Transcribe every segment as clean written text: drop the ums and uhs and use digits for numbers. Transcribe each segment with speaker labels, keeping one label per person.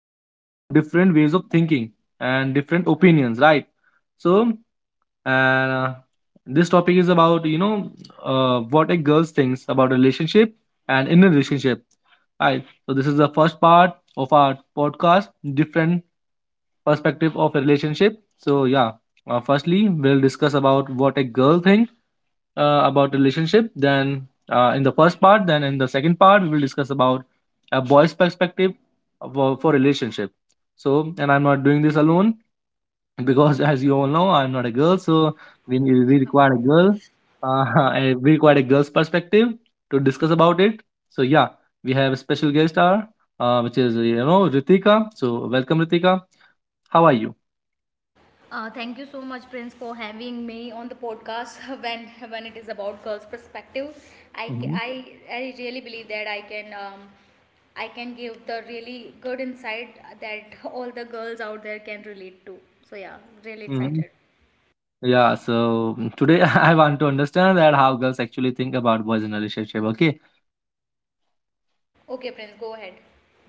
Speaker 1: They come from different ways of thinking and different opinions, right? So and this topic is about what a girl thinks about relationship and in a relationship, right? So this is the first part of our podcast, different perspective of a relationship, so yeah. Firstly, we'll discuss about what a girl thinks about relationship, then in the first part. Then in the second part we will discuss about a boy's perspective for relationship. So and I'm not doing this alone because as you all know, I'm not a girl. So we require a girl, uh, and we require a girl's perspective to discuss about it. So yeah, we have a special guest star, which is you know Ritika. So welcome Ritika, how are you?
Speaker 2: Thank you so much, Prince, for having me on the podcast when it is about girls' perspective. I, ca-
Speaker 1: Hmm.
Speaker 2: I, I really believe that I can give the really good insight that all the girls out there can relate to. So yeah, really
Speaker 1: Hmm.
Speaker 2: excited.
Speaker 1: Yeah, so today I want to understand that how girls actually think about boys in relationship, okay?
Speaker 2: Okay, Prince, go ahead.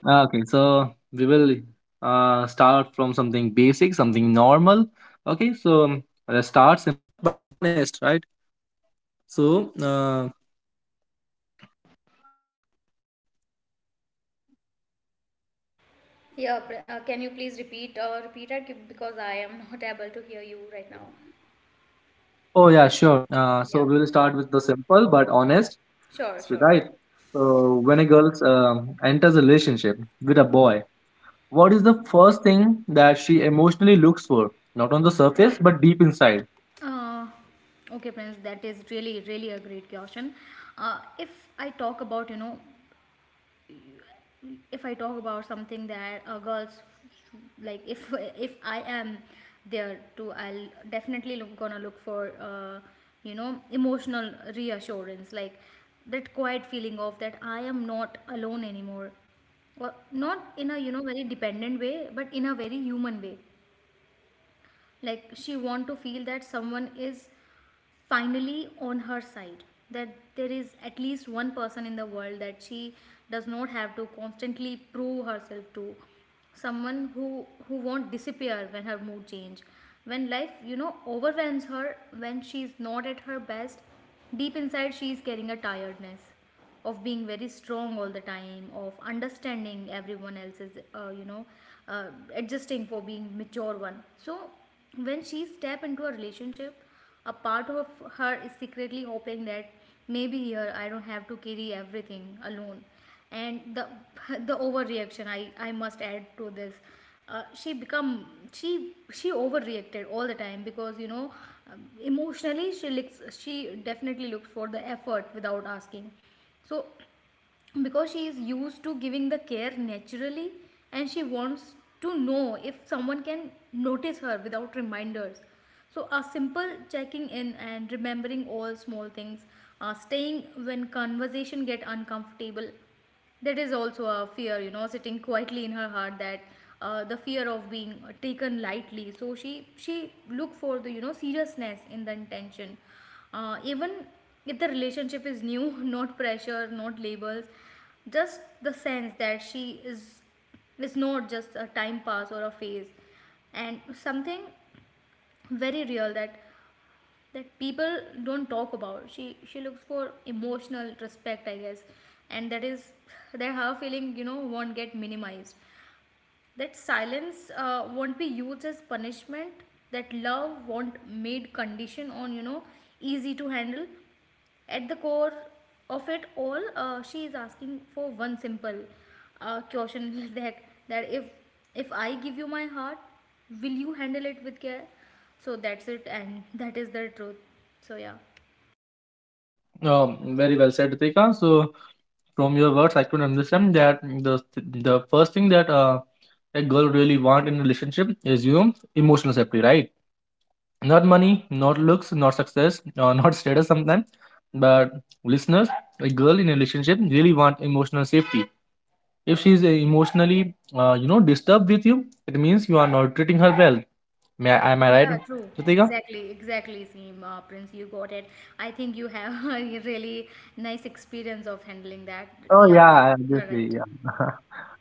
Speaker 1: Okay, so we will start from something basic, something normal, okay? So
Speaker 2: Can you please repeat repeat it because I am not able to hear you right now.
Speaker 1: oh yeah, sure. So we will
Speaker 2: Yeah,
Speaker 1: start with the simple but honest.
Speaker 2: yeah, sure,
Speaker 1: So
Speaker 2: sure.
Speaker 1: right. So when a girl enters a relationship with a boy, what is the first thing that she emotionally looks for? Not on the surface, but deep inside.
Speaker 2: Uh, okay, Prince, that is really, really a great question. If I talk about, you know, if I talk about something that girls like, if if I am there too, I'll definitely gonna look for, you know, emotional reassurance, like that quiet feeling of that I am not alone anymore. Well, not in a you know very dependent way, but in a very human way. Like she want to feel that someone is finally on her side, that there is at least one person in the world that she does not have to constantly prove herself to, someone who won't disappear when her mood change, when life you know overwhelms her, when she's not at her best. Deep inside she is carrying a tiredness of being very strong all the time, of understanding everyone else's you know uh, adjusting, for being mature one. So when she step into a relationship, a part of her is secretly hoping that maybe here I don't have to carry everything alone. And the the overreaction, I must add to this. She become, she she overreacted all the time because you know emotionally she definitely looks for the effort without asking. So, because she is used to giving the care naturally, and she wants to know if someone can notice her without reminders. So, a simple checking in and remembering all small things, staying when conversation get uncomfortable, that is also a fear, you know, sitting quietly in her heart, that the fear of being taken lightly. So she look for the you know seriousness in the intention, even if the relationship is new, not pressure, not labels, just the sense that she is not just a time pass or a phase. And something very real, that people don't talk about, she looks for emotional respect, I guess. And that is, that her feeling you know won't get minimized, that silence won't be used as punishment, that love won't made condition on you know easy to handle. At the core of it all, she is asking for one simple question. that that If I give you my heart, will you handle it with care? So that's it, and that is the truth, so yeah.
Speaker 1: Very well said, Ritika. So from your words, I could understand that the first thing that a girl really want in a relationship is you know emotional safety, right? Not money, not looks, not success, not status sometimes. But listeners, a girl in a relationship really want emotional safety. If she's emotionally, you know, disturbed with you, it means you are not treating her well. May I, am I right,
Speaker 2: Yeah, true.
Speaker 1: Pratika?
Speaker 2: Exactly, exactly, Prince, you got it. I think you have a really nice experience of handling that.
Speaker 1: Oh
Speaker 2: Yeah,
Speaker 1: yeah,
Speaker 2: you're
Speaker 1: obviously,
Speaker 2: right.
Speaker 1: yeah.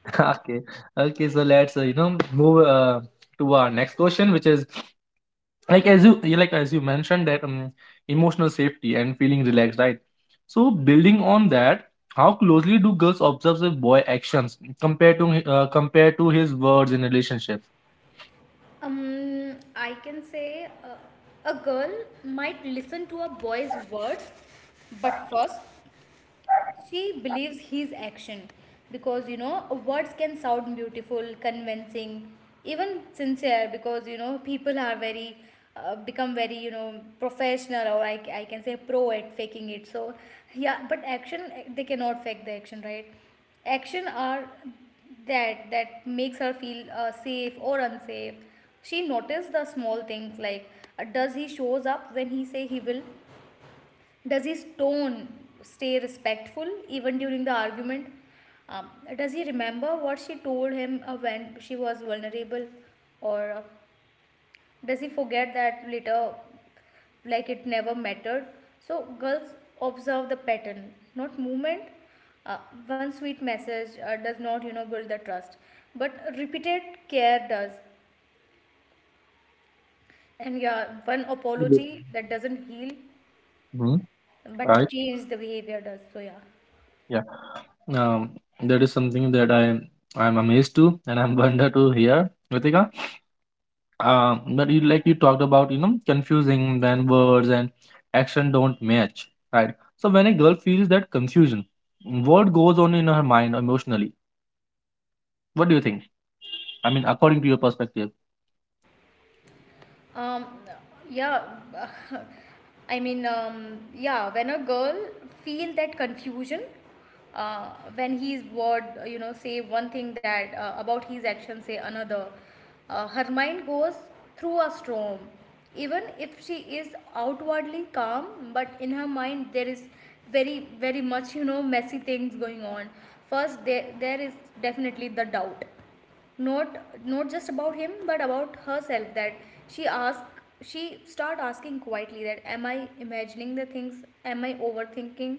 Speaker 1: Okay, okay. So let's you know move to our next question, which is like as like as you mentioned that emotional safety and feeling relaxed, right? So building on that, how closely do girls observe the boy actions compared to compared to his words in relationship?
Speaker 2: I can say a girl might listen to a boy's words, but first she believes his action, because you know words can sound beautiful, convincing, even sincere, because you know people are very become very you know professional, or I can say pro at faking it. So yeah, but action, they cannot fake the action, right? Action are, that makes her feel safe or unsafe. She noticed the small things, like does he shows up when he say he will? Does his tone stay respectful even during the argument? Um, does he remember what she told him when she was vulnerable? Or does he forget that later, like it never mattered? So, girls observe the pattern, not movement. Uh, one sweet message does not, you know, build the trust, but repeated care does. And yeah, one apology that doesn't heal
Speaker 1: Hmm.
Speaker 2: but
Speaker 1: Right.
Speaker 2: change the behavior does. So, yeah.
Speaker 1: Yeah. um, that is something that I'm amazed to, and I'm wonder to hear, Ritika. But you, like you talked about you know confusing when words and action don't match, right? So when a girl feels that confusion, what goes on in her mind emotionally? What do you think? I mean, according to your perspective.
Speaker 2: Um, yeah, I mean, yeah, when a girl feel that confusion, uh, when he's word, you know, say one thing that about his action, say another, her mind goes through a storm. Even if she is outwardly calm, but in her mind there is very, very much, you know, messy things going on. First, there is definitely the doubt, not not just about him but about herself, that she ask she start asking quietly that am I imagining the things? Am I overthinking?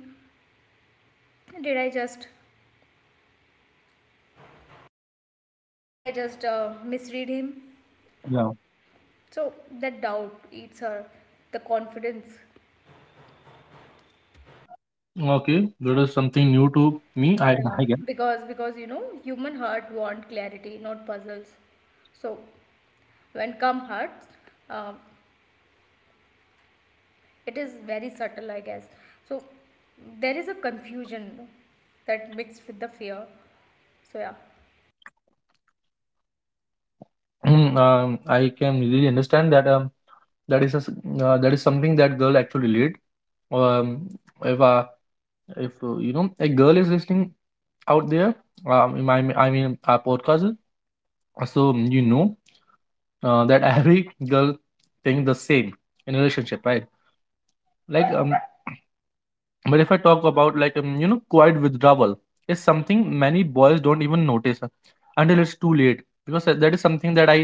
Speaker 2: did i just did I just misread him?
Speaker 1: Yeah,
Speaker 2: So that doubt eats her the confidence.
Speaker 1: okay, that is something new to me, i
Speaker 2: Yeah,
Speaker 1: i guess.
Speaker 2: because you know human heart want clarity, not puzzles. So when come hearts, uh, it is very subtle, I guess. So there is a confusion, that mixed with the fear. So, yeah,
Speaker 1: Mm, I can really understand that that is a s that is something that girl actually relate. Um, if if you know a girl is listening out there, in my I mean our podcast, so you know that every girl think the same in a relationship, right? Like um, but if I talk about like you know quiet withdrawal is something many boys don't even notice until it's too late, because that is something that i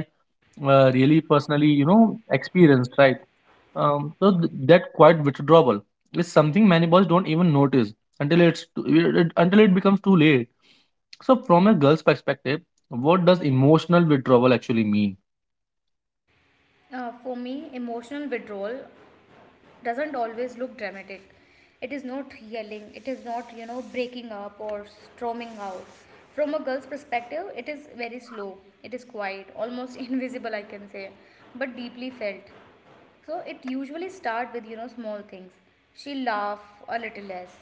Speaker 1: uh, really personally you know experienced, right? So that quiet withdrawal is something many boys don't even notice until it's too, it- until it becomes too late. So from a girl's perspective, what does emotional withdrawal actually mean?
Speaker 2: for me, emotional withdrawal doesn't always look dramatic. It is not yelling, it is not, you know, breaking up or storming out. From a girl's perspective, it is very slow, it is quiet, almost invisible, I can say, but deeply felt. So, it usually starts with, you know, small things. She laughs a little less,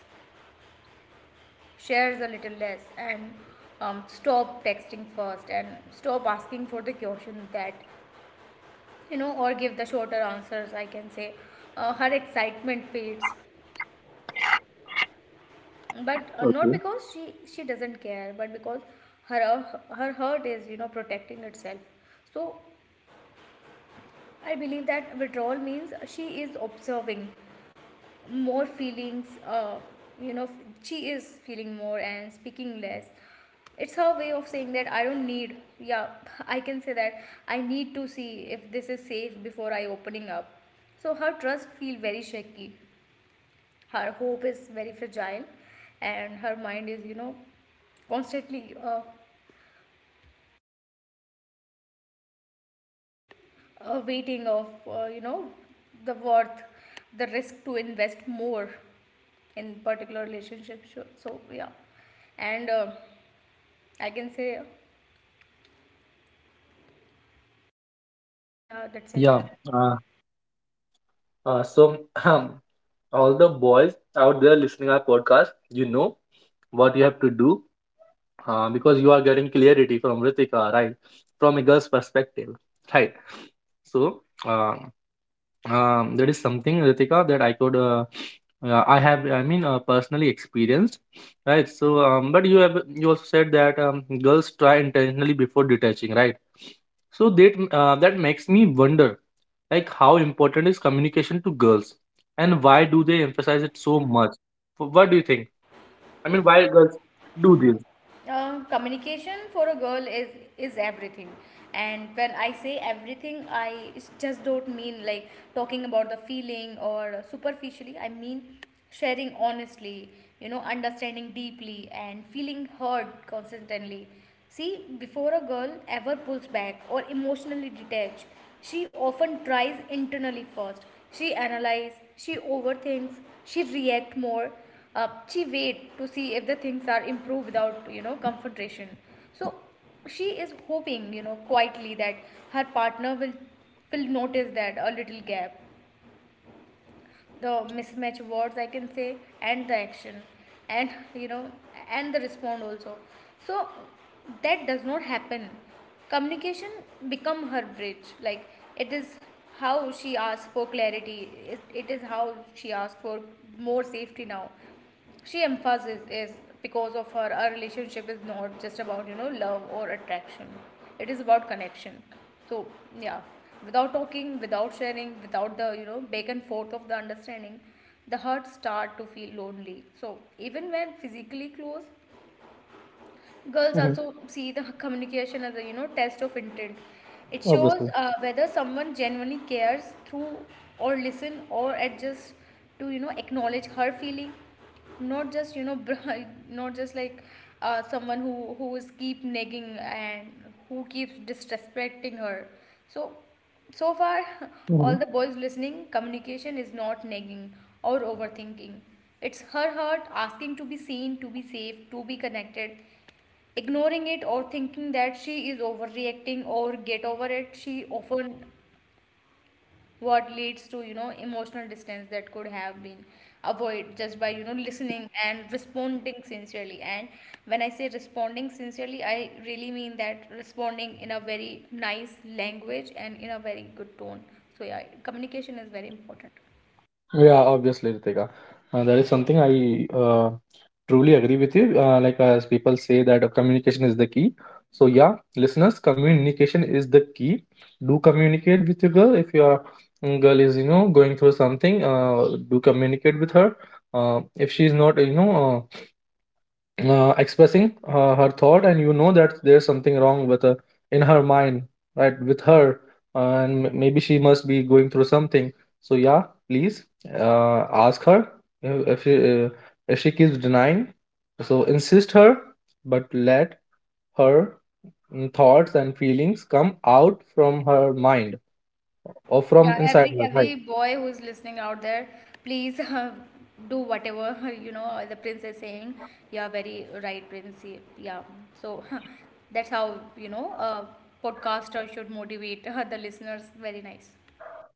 Speaker 2: shares a little less, and stop texting first, and stop asking for the question that you know, or give the shorter answers, I can say. Her excitement fades, but not
Speaker 1: Okay.
Speaker 2: because she doesn't care, but because her her heart is you know protecting itself. So I believe that withdrawal means she is observing more feelings. You know, she is feeling more and speaking less. It's her way of saying that I don't need, yeah, I can say that I need to see if this is safe before I opening up. So her trust feel very shaky, her hope is very fragile, and her mind is you know constantly waiting of you know the worth, the risk to invest more in particular relationship. So, so yeah, and I can say yeah, that's it.
Speaker 1: Yeah. So, all the boys out there listening our podcast, you know what you have to do, because you are getting clarity from Ritika, right? From a girl's perspective, right? So, that is something, Ritika, that I could I have, I mean personally experienced, right? So but you have, you also said that girls try intentionally before detaching, right? So that that makes me wonder, like how important is communication to girls and why do they emphasize it so much? What do you think? I mean, why girls do this?
Speaker 2: Communication for a girl is everything. And when I say everything, I just don't mean like talking about the feeling, or superficially, I mean sharing honestly, you know, understanding deeply, and feeling heard constantly. See, before a girl ever pulls back or emotionally detach, she often tries internally first. She analyzes, she overthinks, she reacts more. She wait to see if the things are improved without you know confrontation. So she is hoping you know quietly that her partner will notice that a little gap, the mismatch words, I can say, and the action, and you know and the respond also. So that does not happen. Communication become her bridge. Like, it is how she asks for clarity. It is how she asks for more safety now. She emphasizes is because of her, our relationship is not just about you know love or attraction, it is about connection. So yeah, without talking, without sharing, without the you know back and forth of the understanding, the heart start to feel lonely. So even when physically close, girls
Speaker 1: Hmm.
Speaker 2: also see the communication as a you know test of intent. It shows
Speaker 1: Obviously.
Speaker 2: whether someone genuinely cares through, or listen, or adjust to you know acknowledge her feeling. Not just you know not just like someone who is keep nagging, and who keeps disrespecting her. So, so far, all the boys listening, communication is not nagging or overthinking. It's her heart asking to be seen, to be safe, to be connected. Ignoring it or thinking that she is overreacting, or get over it, she often what leads to you know emotional distance that could have been avoided just by you know listening and responding sincerely. And when I say responding sincerely, I really mean that responding in a very nice language and in a very good tone. So yeah, communication is very important.
Speaker 1: Yeah, obviously, Ritika. That is something I truly agree with you. Like as people say that communication is the key. So yeah, listeners, communication is the key. Do communicate with your girl if your mm, girl is you know going through something. Do communicate with her. If she is not you know uh, expressing her thought, and you know that there's something wrong with her in her mind, right, with her. And maybe she must be going through something. So yeah, please, ask her. If she uh, if she keeps denying, so insist her, but let her mm, thoughts and feelings come out from her mind or from
Speaker 2: Yeah,
Speaker 1: inside her, right?
Speaker 2: every boy who's listening out there, please do whatever you know the prince is saying. Yeah, very right, prince. Yeah, so that's how you know a podcaster should motivate the listeners. Very nice.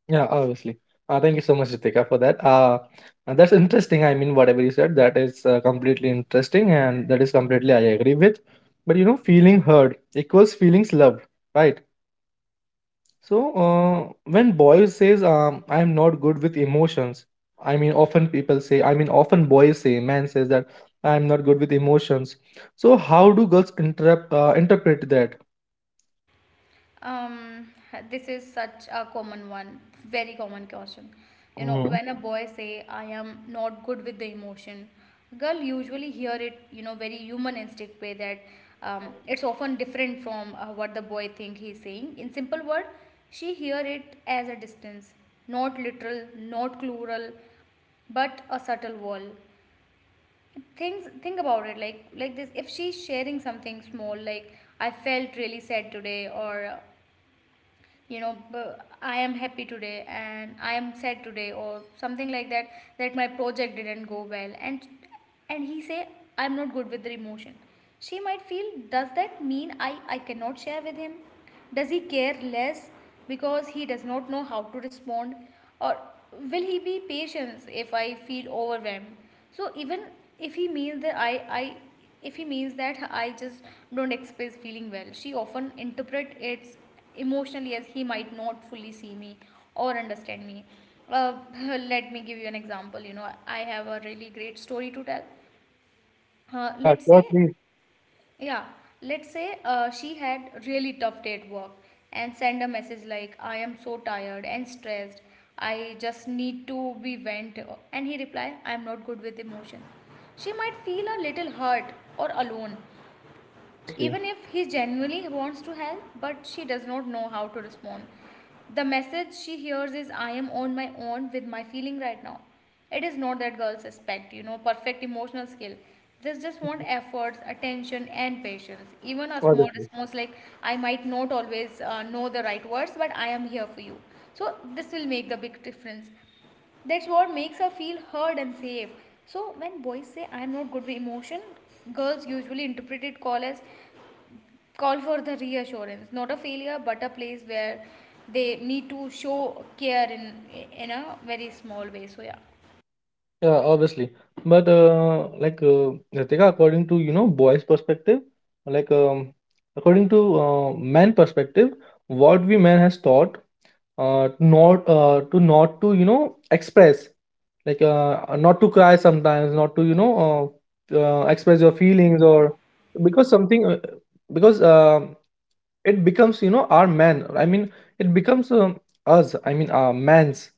Speaker 1: Yeah, obviously. Thank you so much, Ritika, for that. That's interesting. I mean, whatever you said, that is completely interesting, and that is completely I agree with. But you know, feeling heard equals feelings loved, right? So when boys says, "I'm not good with emotions," I mean, often people say, I mean, often boys say, man says that I'm not good with emotions. So how do girls interpret interpret that?
Speaker 2: Um, this is such a common one, very common question. You know,
Speaker 1: Hmm.
Speaker 2: when a boy say, "I am not good with the emotion," girl usually hear it. You know, very human instinct way that it's often different from what the boy think he's saying. In simple word, she hear it as a distance, not literal, not plural, but a subtle wall. Things, think about it like this, if she's sharing something small, like I felt really sad today, or you know I am happy today and I am sad today, or something like that, that my project didn't go well, and he say I'm not good with the emotion, she might feel, does that mean I cannot share with him? Does he care less because he does not know how to respond? Or will he be patient if I feel overwhelmed? So even if he means that I I just don't express feeling well, she often interpret it emotionally as he might not fully see me or understand me. Uh, Let me give you an example. You know, I have a really great story to tell.
Speaker 1: Yeah,
Speaker 2: Let's say
Speaker 1: sure, please.
Speaker 2: yeah, let's say she had really tough day at work and send a message like, I am so tired and stressed. I just need to be vent. And he reply, I am not good with emotion. She might feel a little hurt or alone,
Speaker 1: Obviously,
Speaker 2: even if he genuinely wants to help but she does not know how to respond. The message she hears is, I am on my own with my feeling right now. It is not that girls expect, you know, perfect emotional skill. They just want efforts, attention and patience, even a small
Speaker 1: obviously.
Speaker 2: response like, I might not always know the right words but I am here for you. So this will make the big difference. That's what makes her feel heard and safe. So when boys say I'm not good with emotion, girls usually interpret it call as call for the reassurance, not a failure but a place where they need to show care in a very small way. So yeah,
Speaker 1: Yeah, obviously. But like Ritika, according to you know boys' perspective, like according to men perspective, what we men has taught not to not to you know express, like not to cry sometimes, not to you know express your feelings, or because something because it becomes you know our man, I mean it becomes us, I mean our man's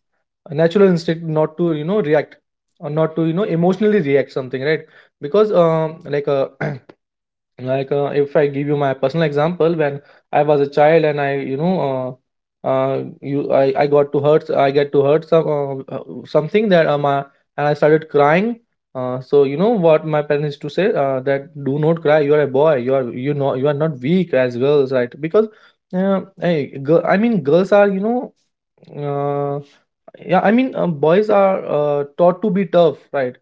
Speaker 1: natural instinct not to you know react or not to you know emotionally react something, right? Because um, like like if I give you my personal example, when I was a child and I you know you I got to hurt, I get to hurt some something that and I started crying. So you know what my parents used to say, that do not cry, you are a boy, you are, you know, you are not weak as girls, right? Because hey, girl, I mean girls are you know uh, yeah, I mean boys are taught to be tough, right?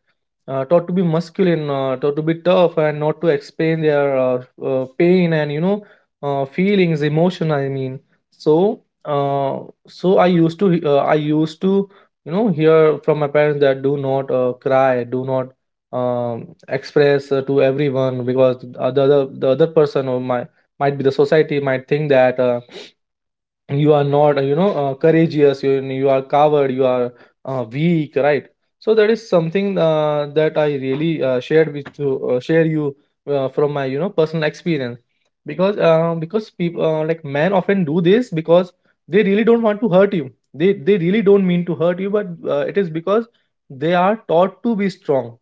Speaker 1: Taught to be masculine, taught to be tough, and not to explain their pain and you know feelings, emotion. I mean, so uh, so I used to you know hear from my parents that do not cry, do not express to everyone, because the other person, or my might be, the society might think that you are not you know courageous, you are coward, you are weak, right? So that is something that I really share you from my you know personal experience. Because because people like men often do this because they really don't want to hurt you, they really don't mean to hurt you, but it is because they are taught to be strong,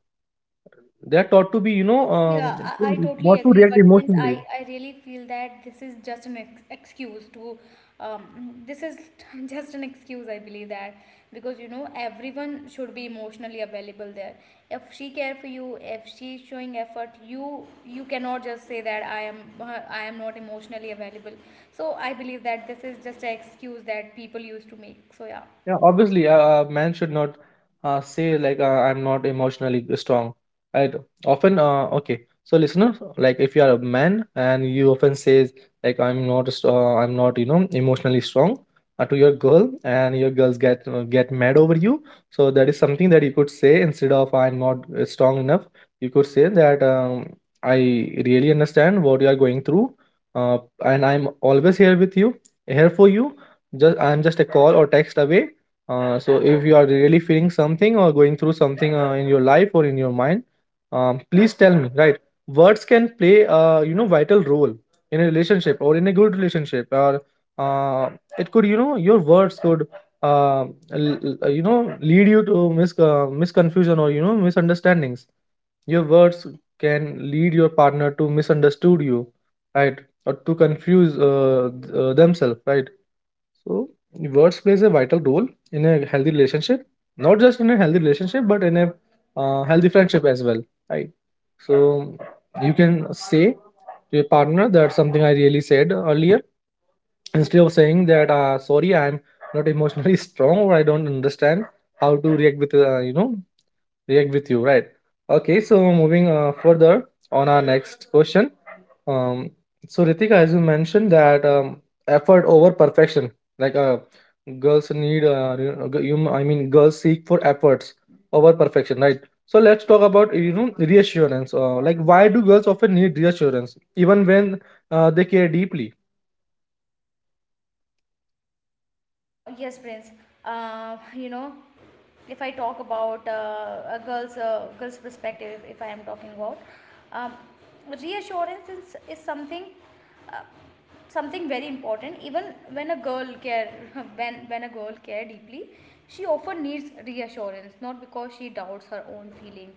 Speaker 1: they are taught to be you know
Speaker 2: I yeah, I totally
Speaker 1: not to
Speaker 2: agree,
Speaker 1: react
Speaker 2: but since
Speaker 1: emotionally.
Speaker 2: I really feel that this is just an ex excuse to um, this is just an excuse. I believe that because you know everyone should be emotionally available there. If she care for you, if she's showing effort, you cannot just say that I am not emotionally available. So I believe that this is just an excuse that people used to make. So yeah.
Speaker 1: Yeah, obviously, a man should not say like I'm not emotionally strong, right? Often, okay. So, listener, like if you are a man and you often says like I'm not, you know, emotionally strong to your girl, and your girls get mad over you. So that is something that you could say instead of I'm not strong enough. You could say that I really understand what you are going through, uh, and I'm always here with you, here for you. Just I'm just a call or text away. So if you are really feeling something or going through something in your life or in your mind, please tell me, right? Words can play, you know, vital role in a relationship or in a good relationship, or uh, it could, you know, your words could, uh, you know, lead you to misconfusion or you know misunderstandings. Your words can lead your partner to misunderstood you, right? Or to confuse themselves, right? So, words plays a vital role in a healthy relationship, not just in a healthy relationship, but in a healthy friendship as well, right? So, you can say to your partner that something I really said earlier instead of saying that sorry, I'm not emotionally strong or I don't understand how to react with react with you, right? Okay, so moving further on our next question. um, so Ritika, as you mentioned that effort over perfection, like girls need girls seek for efforts over perfection, right? So let's talk about, you know, reassurance, like why do girls often need reassurance even when they care deeply?
Speaker 2: Yes, Prince. You know, if I talk about a girl's perspective, if I am talking about um, reassurance is something uh, something very important, even when a girl care when a girl care deeply, she often needs reassurance, not because she doubts her own feeling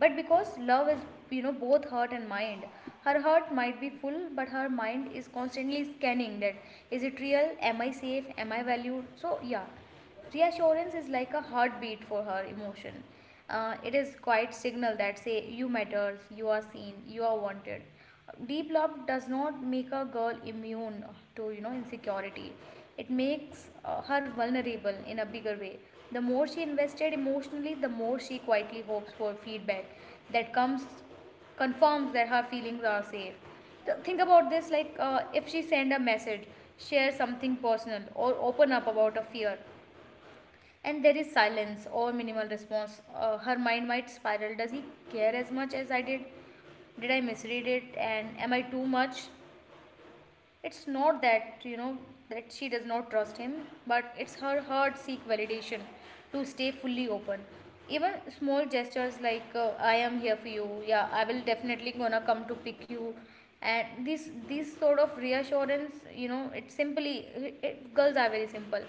Speaker 2: but because love is, you know, both heart and mind. Her heart might be full but her mind is constantly scanning that, is it real, am I safe, am I valued? So yeah, reassurance is like a heartbeat for her emotion. It is quite signal that say you matters, you are seen, you are wanted. Deep love does not make a girl immune to, you know, insecurity. It makes her vulnerable in a bigger way. The more she invested emotionally, the more she quietly hopes for feedback that comes, confirms that her feelings are safe. Think about this like, if she send a message, share something personal or open up about a fear, and there is silence or minimal response. Her mind might spiral. Does he care as much as I did? Did I misread it? And am I too much? It's not that, you know, that she does not trust him, but it's her heart seek validation to stay fully open. Even small gestures like, I am here for you, yeah, I will definitely gonna come to pick you. And this sort of reassurance, you know, it's simply, girls are very simple.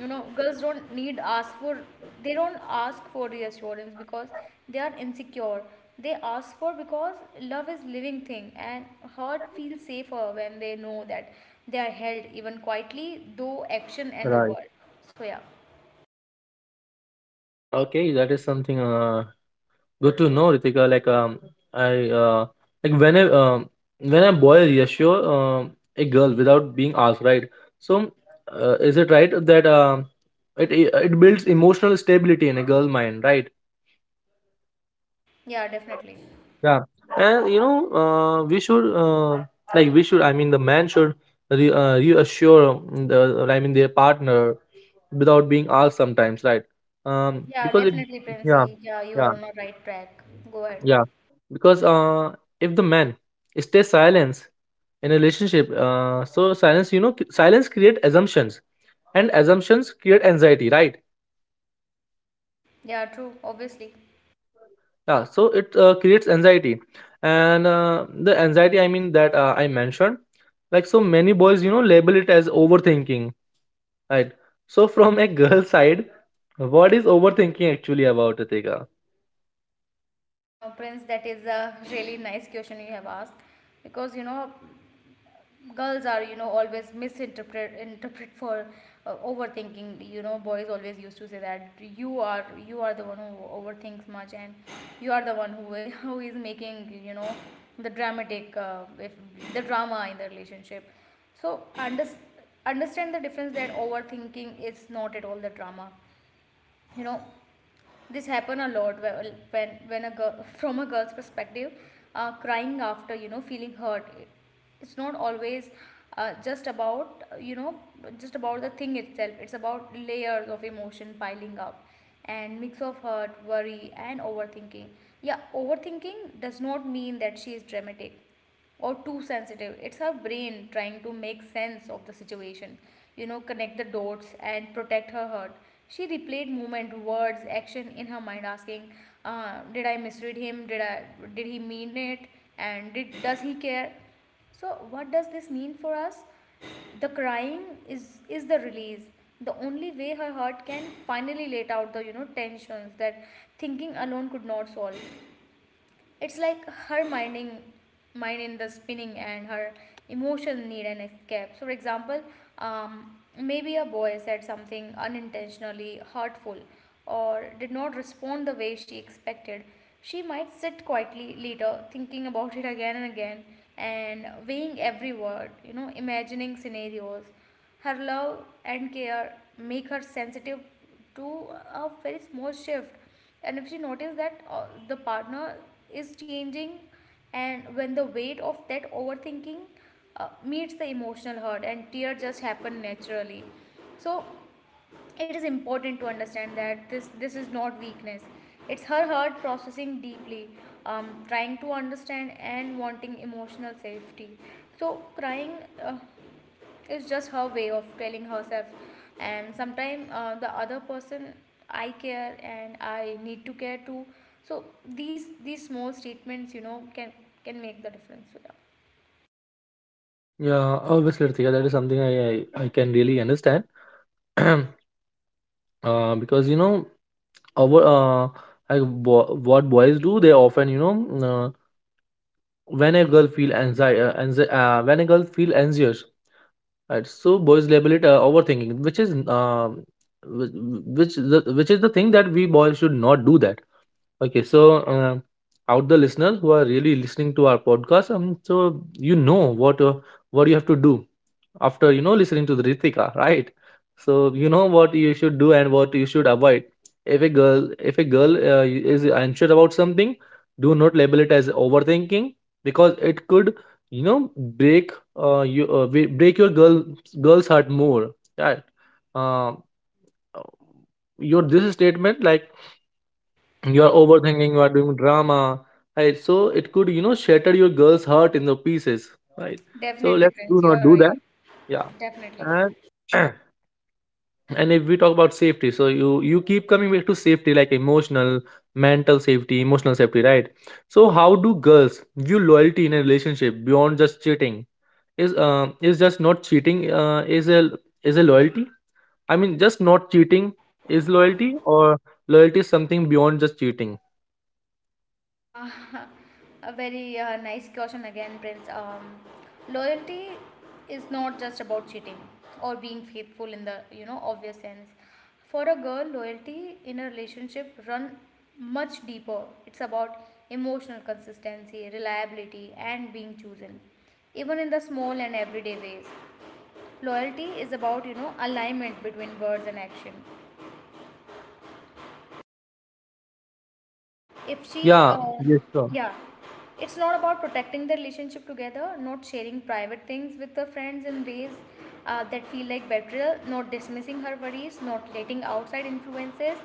Speaker 2: You know, girls don't need ask for, they don't ask for reassurance because they are insecure. They ask for because love is living thing, and heart feels safer when they know that they are held, even quietly, though action and the
Speaker 1: Right.
Speaker 2: word. So yeah.
Speaker 1: Okay, that is something good to know, Ritika. Like I like when I when a boy reassure a girl without being asked, right? So, is it right that it builds emotional stability in a girl mind, right?
Speaker 2: Yeah, definitely.
Speaker 1: Yeah. And you know, we should like we should. I mean, the man should reassure their partner without being asked sometimes, right?
Speaker 2: Yeah,
Speaker 1: Because it,
Speaker 2: definitely,
Speaker 1: yeah,
Speaker 2: princey. Yeah, you are
Speaker 1: yeah.
Speaker 2: on the right track. Go ahead.
Speaker 1: Yeah, because if the man stays silence in a relationship, so silence, you know, silence create assumptions, and assumptions create anxiety, right?
Speaker 2: Yeah, true, obviously.
Speaker 1: Yeah, so it creates anxiety, and the anxiety, I mean that I mentioned, like so many boys, you know, label it as overthinking, right? So from a girl's side, what is overthinking actually about, Ritika?
Speaker 2: Uh, Prince, that is a really nice question you have asked, because you know girls are, you know, always misinterpret interpret for overthinking. You know, boys always used to say that you are the one who overthinks much, and you are the one who who is making, you know, the dramatic if the drama in the relationship. So understand the difference that overthinking is not at all the drama. You know, this happen a lot when a girl from a girl's perspective, crying after, you know, feeling hurt, it's not always just about you know, just about the thing itself. It's about layers of emotion piling up and mix of hurt, worry and overthinking. Yeah, overthinking does not mean that she is dramatic or too sensitive. It's her brain trying to make sense of the situation, you know, connect the dots and protect her heart. She replayed movement, words, action in her mind, asking, "Did I misread him? Did I? Did he mean it? And did does he care?" So, what does this mean for us? The crying is the release. The only way her heart can finally let out the, you know, tensions that thinking alone could not solve. It's like her mind in the spinning and her emotion need an escape. So for example, maybe a boy said something unintentionally hurtful or did not respond the way she expected. She might sit quietly later thinking about it again and again and weighing every word, you know, imagining scenarios. Her love and care make her sensitive to a very small shift. And if she notices that the partner is changing, and when the weight of that overthinking meets the emotional hurt and tears just happen naturally. So it is important to understand that this is not weakness. It's her heart processing deeply, trying to understand and wanting emotional safety. So crying, uh, is just her way of telling herself, and sometimes the other person, I care and I need to care too. So these small statements, you know, can make the difference. So yeah.
Speaker 1: Yeah, obviously, Ritika, that is something I can really understand, because you know uh, wha- uh, like what boys do, they often you know when a girl feel anxiety when a girl feel anxious, right? So boys label it overthinking, which is whi- which is the thing that we boys should not do that. Okay, so uh, out the listeners who are really listening to our podcast, so you know what you have to do after you know listening to the Ritika, right? So you know what you should do and what you should avoid. If a girl is unsure about something, do not label it as overthinking because it could, you know, break break your girl's heart more. Right? Uh, your this statement like you are overthinking, you are doing drama, right? So it could, you know, shatter your girl's heart in the pieces, right? So
Speaker 2: Definitely,
Speaker 1: let's do
Speaker 2: Prince, you
Speaker 1: not
Speaker 2: are
Speaker 1: do that.
Speaker 2: right.
Speaker 1: Yeah,
Speaker 2: Definitely.
Speaker 1: and and if we talk about safety, so you keep coming back to safety, like emotional, mental safety, emotional safety, right? So how do girls view loyalty in a relationship beyond just cheating? Is is just not cheating is a loyalty, I mean just not cheating is loyalty, or loyalty is something beyond just cheating?
Speaker 2: Uh, a very nice question again, Prince. Loyalty is not just about cheating or being faithful in the, you know, obvious sense. For a girl, loyalty in a relationship run much deeper. It's about emotional consistency, reliability, and being chosen, even in the small and everyday ways. Loyalty is about, you know, alignment between words and action. If she
Speaker 1: Yeah, yes, sure.
Speaker 2: yeah, it's not about protecting the relationship together, not sharing private things with the friends in ways that feel like betrayal, not dismissing her worries, not letting outside influences,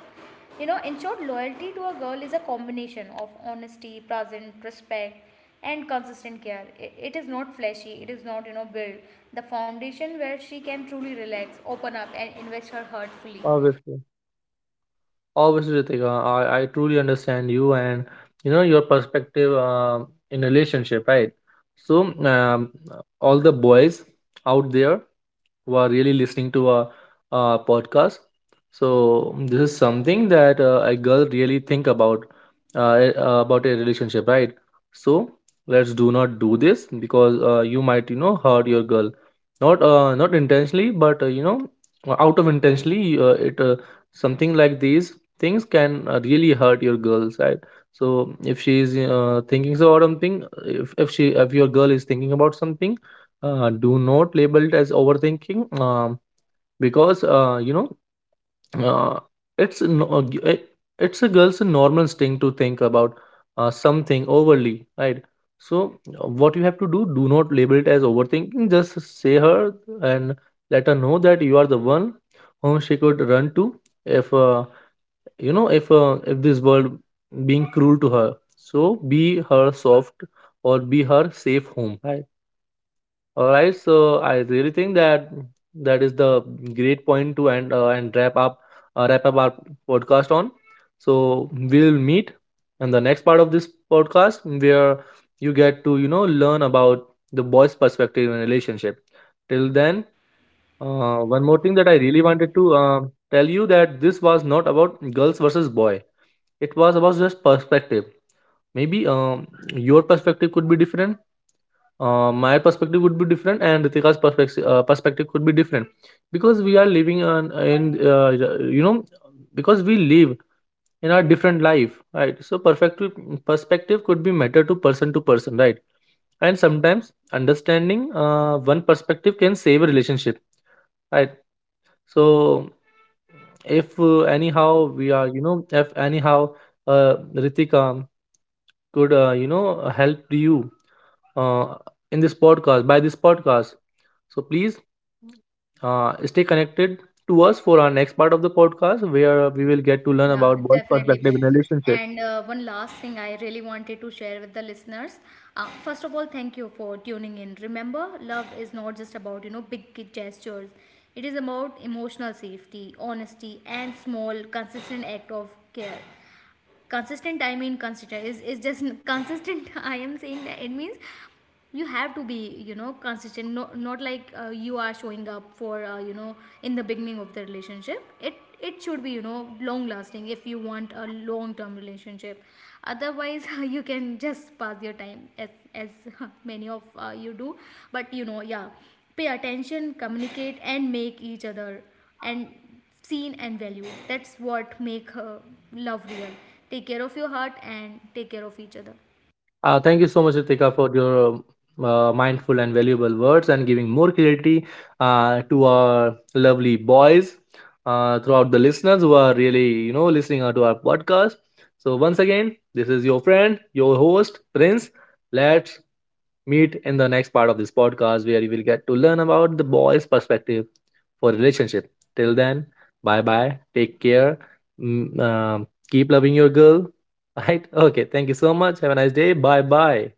Speaker 2: you know. In short, loyalty to a girl is a combination of honesty, present, respect and consistent care. It is not flashy, it is not, you know, build the foundation where she can truly relax, open up and invest her heart fully.
Speaker 1: Obviously, obviously, Ritika, I truly understand you and you know your perspective in relationship, right? So, all the boys out there who are really listening to our podcast. So this is something that a girl really think about about a relationship, right? So let's do not do this because you might you know hurt your girl, not not intentionally, but you know out of intentionally it something like these things can really hurt your girls, right? So if she is thinking about something, if your girl is thinking about something, do not label it as overthinking, because uh, it's a no- g- it- it's a girl's normal thing to think about something overly, right? So what you have to do, do not label it as overthinking, just say her and let her know that you are the one whom she could run to if you know if this world being cruel to her. So be her soft or be her safe home. All right, so I really think that that is the great point to end and wrap up our podcast on. So we'll meet in the next part of this podcast where you get to you know learn about the boy's perspective in a relationship. Till then, one more thing that I really wanted to tell you, that this was not about girls versus boy. It was about just perspective. Maybe your perspective could be different, my perspective would be different, and Ritika's perspective perspective could be different, because we are living on in you know, because we live in our different life, right? So perspective, perspective could be matter to person to person, right? And sometimes understanding one perspective can save a relationship, right? So if anyhow we are you know, if anyhow Ritika could you know help you uh, in this podcast, by this podcast. So please stay connected to us for our next part of the podcast where we will get to learn
Speaker 2: Yeah,
Speaker 1: about both
Speaker 2: definitely,
Speaker 1: perspective
Speaker 2: Prince.
Speaker 1: in a relationship.
Speaker 2: And one last thing I really wanted to share with the listeners. First of all, thank you for tuning in. Remember, love is not just about, you know, big gestures. It is about emotional safety, honesty, and small, consistent act of care. Consistent, I mean consistent is just consistent, I am saying that. It means you have to be, you know, consistent. No, not like you are showing up for you know, in the beginning of the relationship. It should be, you know, long lasting if you want a long term relationship. Otherwise, you can just pass your time as many of you do. But you know, yeah, pay attention, communicate and make each other and seen and valued. That's what make love real. Take care of your heart and take care of each other.
Speaker 1: Thank you so much, Ritika, for your mindful and valuable words and giving more clarity to our lovely boys throughout the listeners who are really, you know, listening out to our podcast. So once again, this is your friend, your host, Prince. Let's meet in the next part of this podcast where you will get to learn about the boy's perspective for relationship. Till then, bye bye. Take care. Keep loving your girl. Right? Okay. Thank you so much. Have a nice day. Bye bye.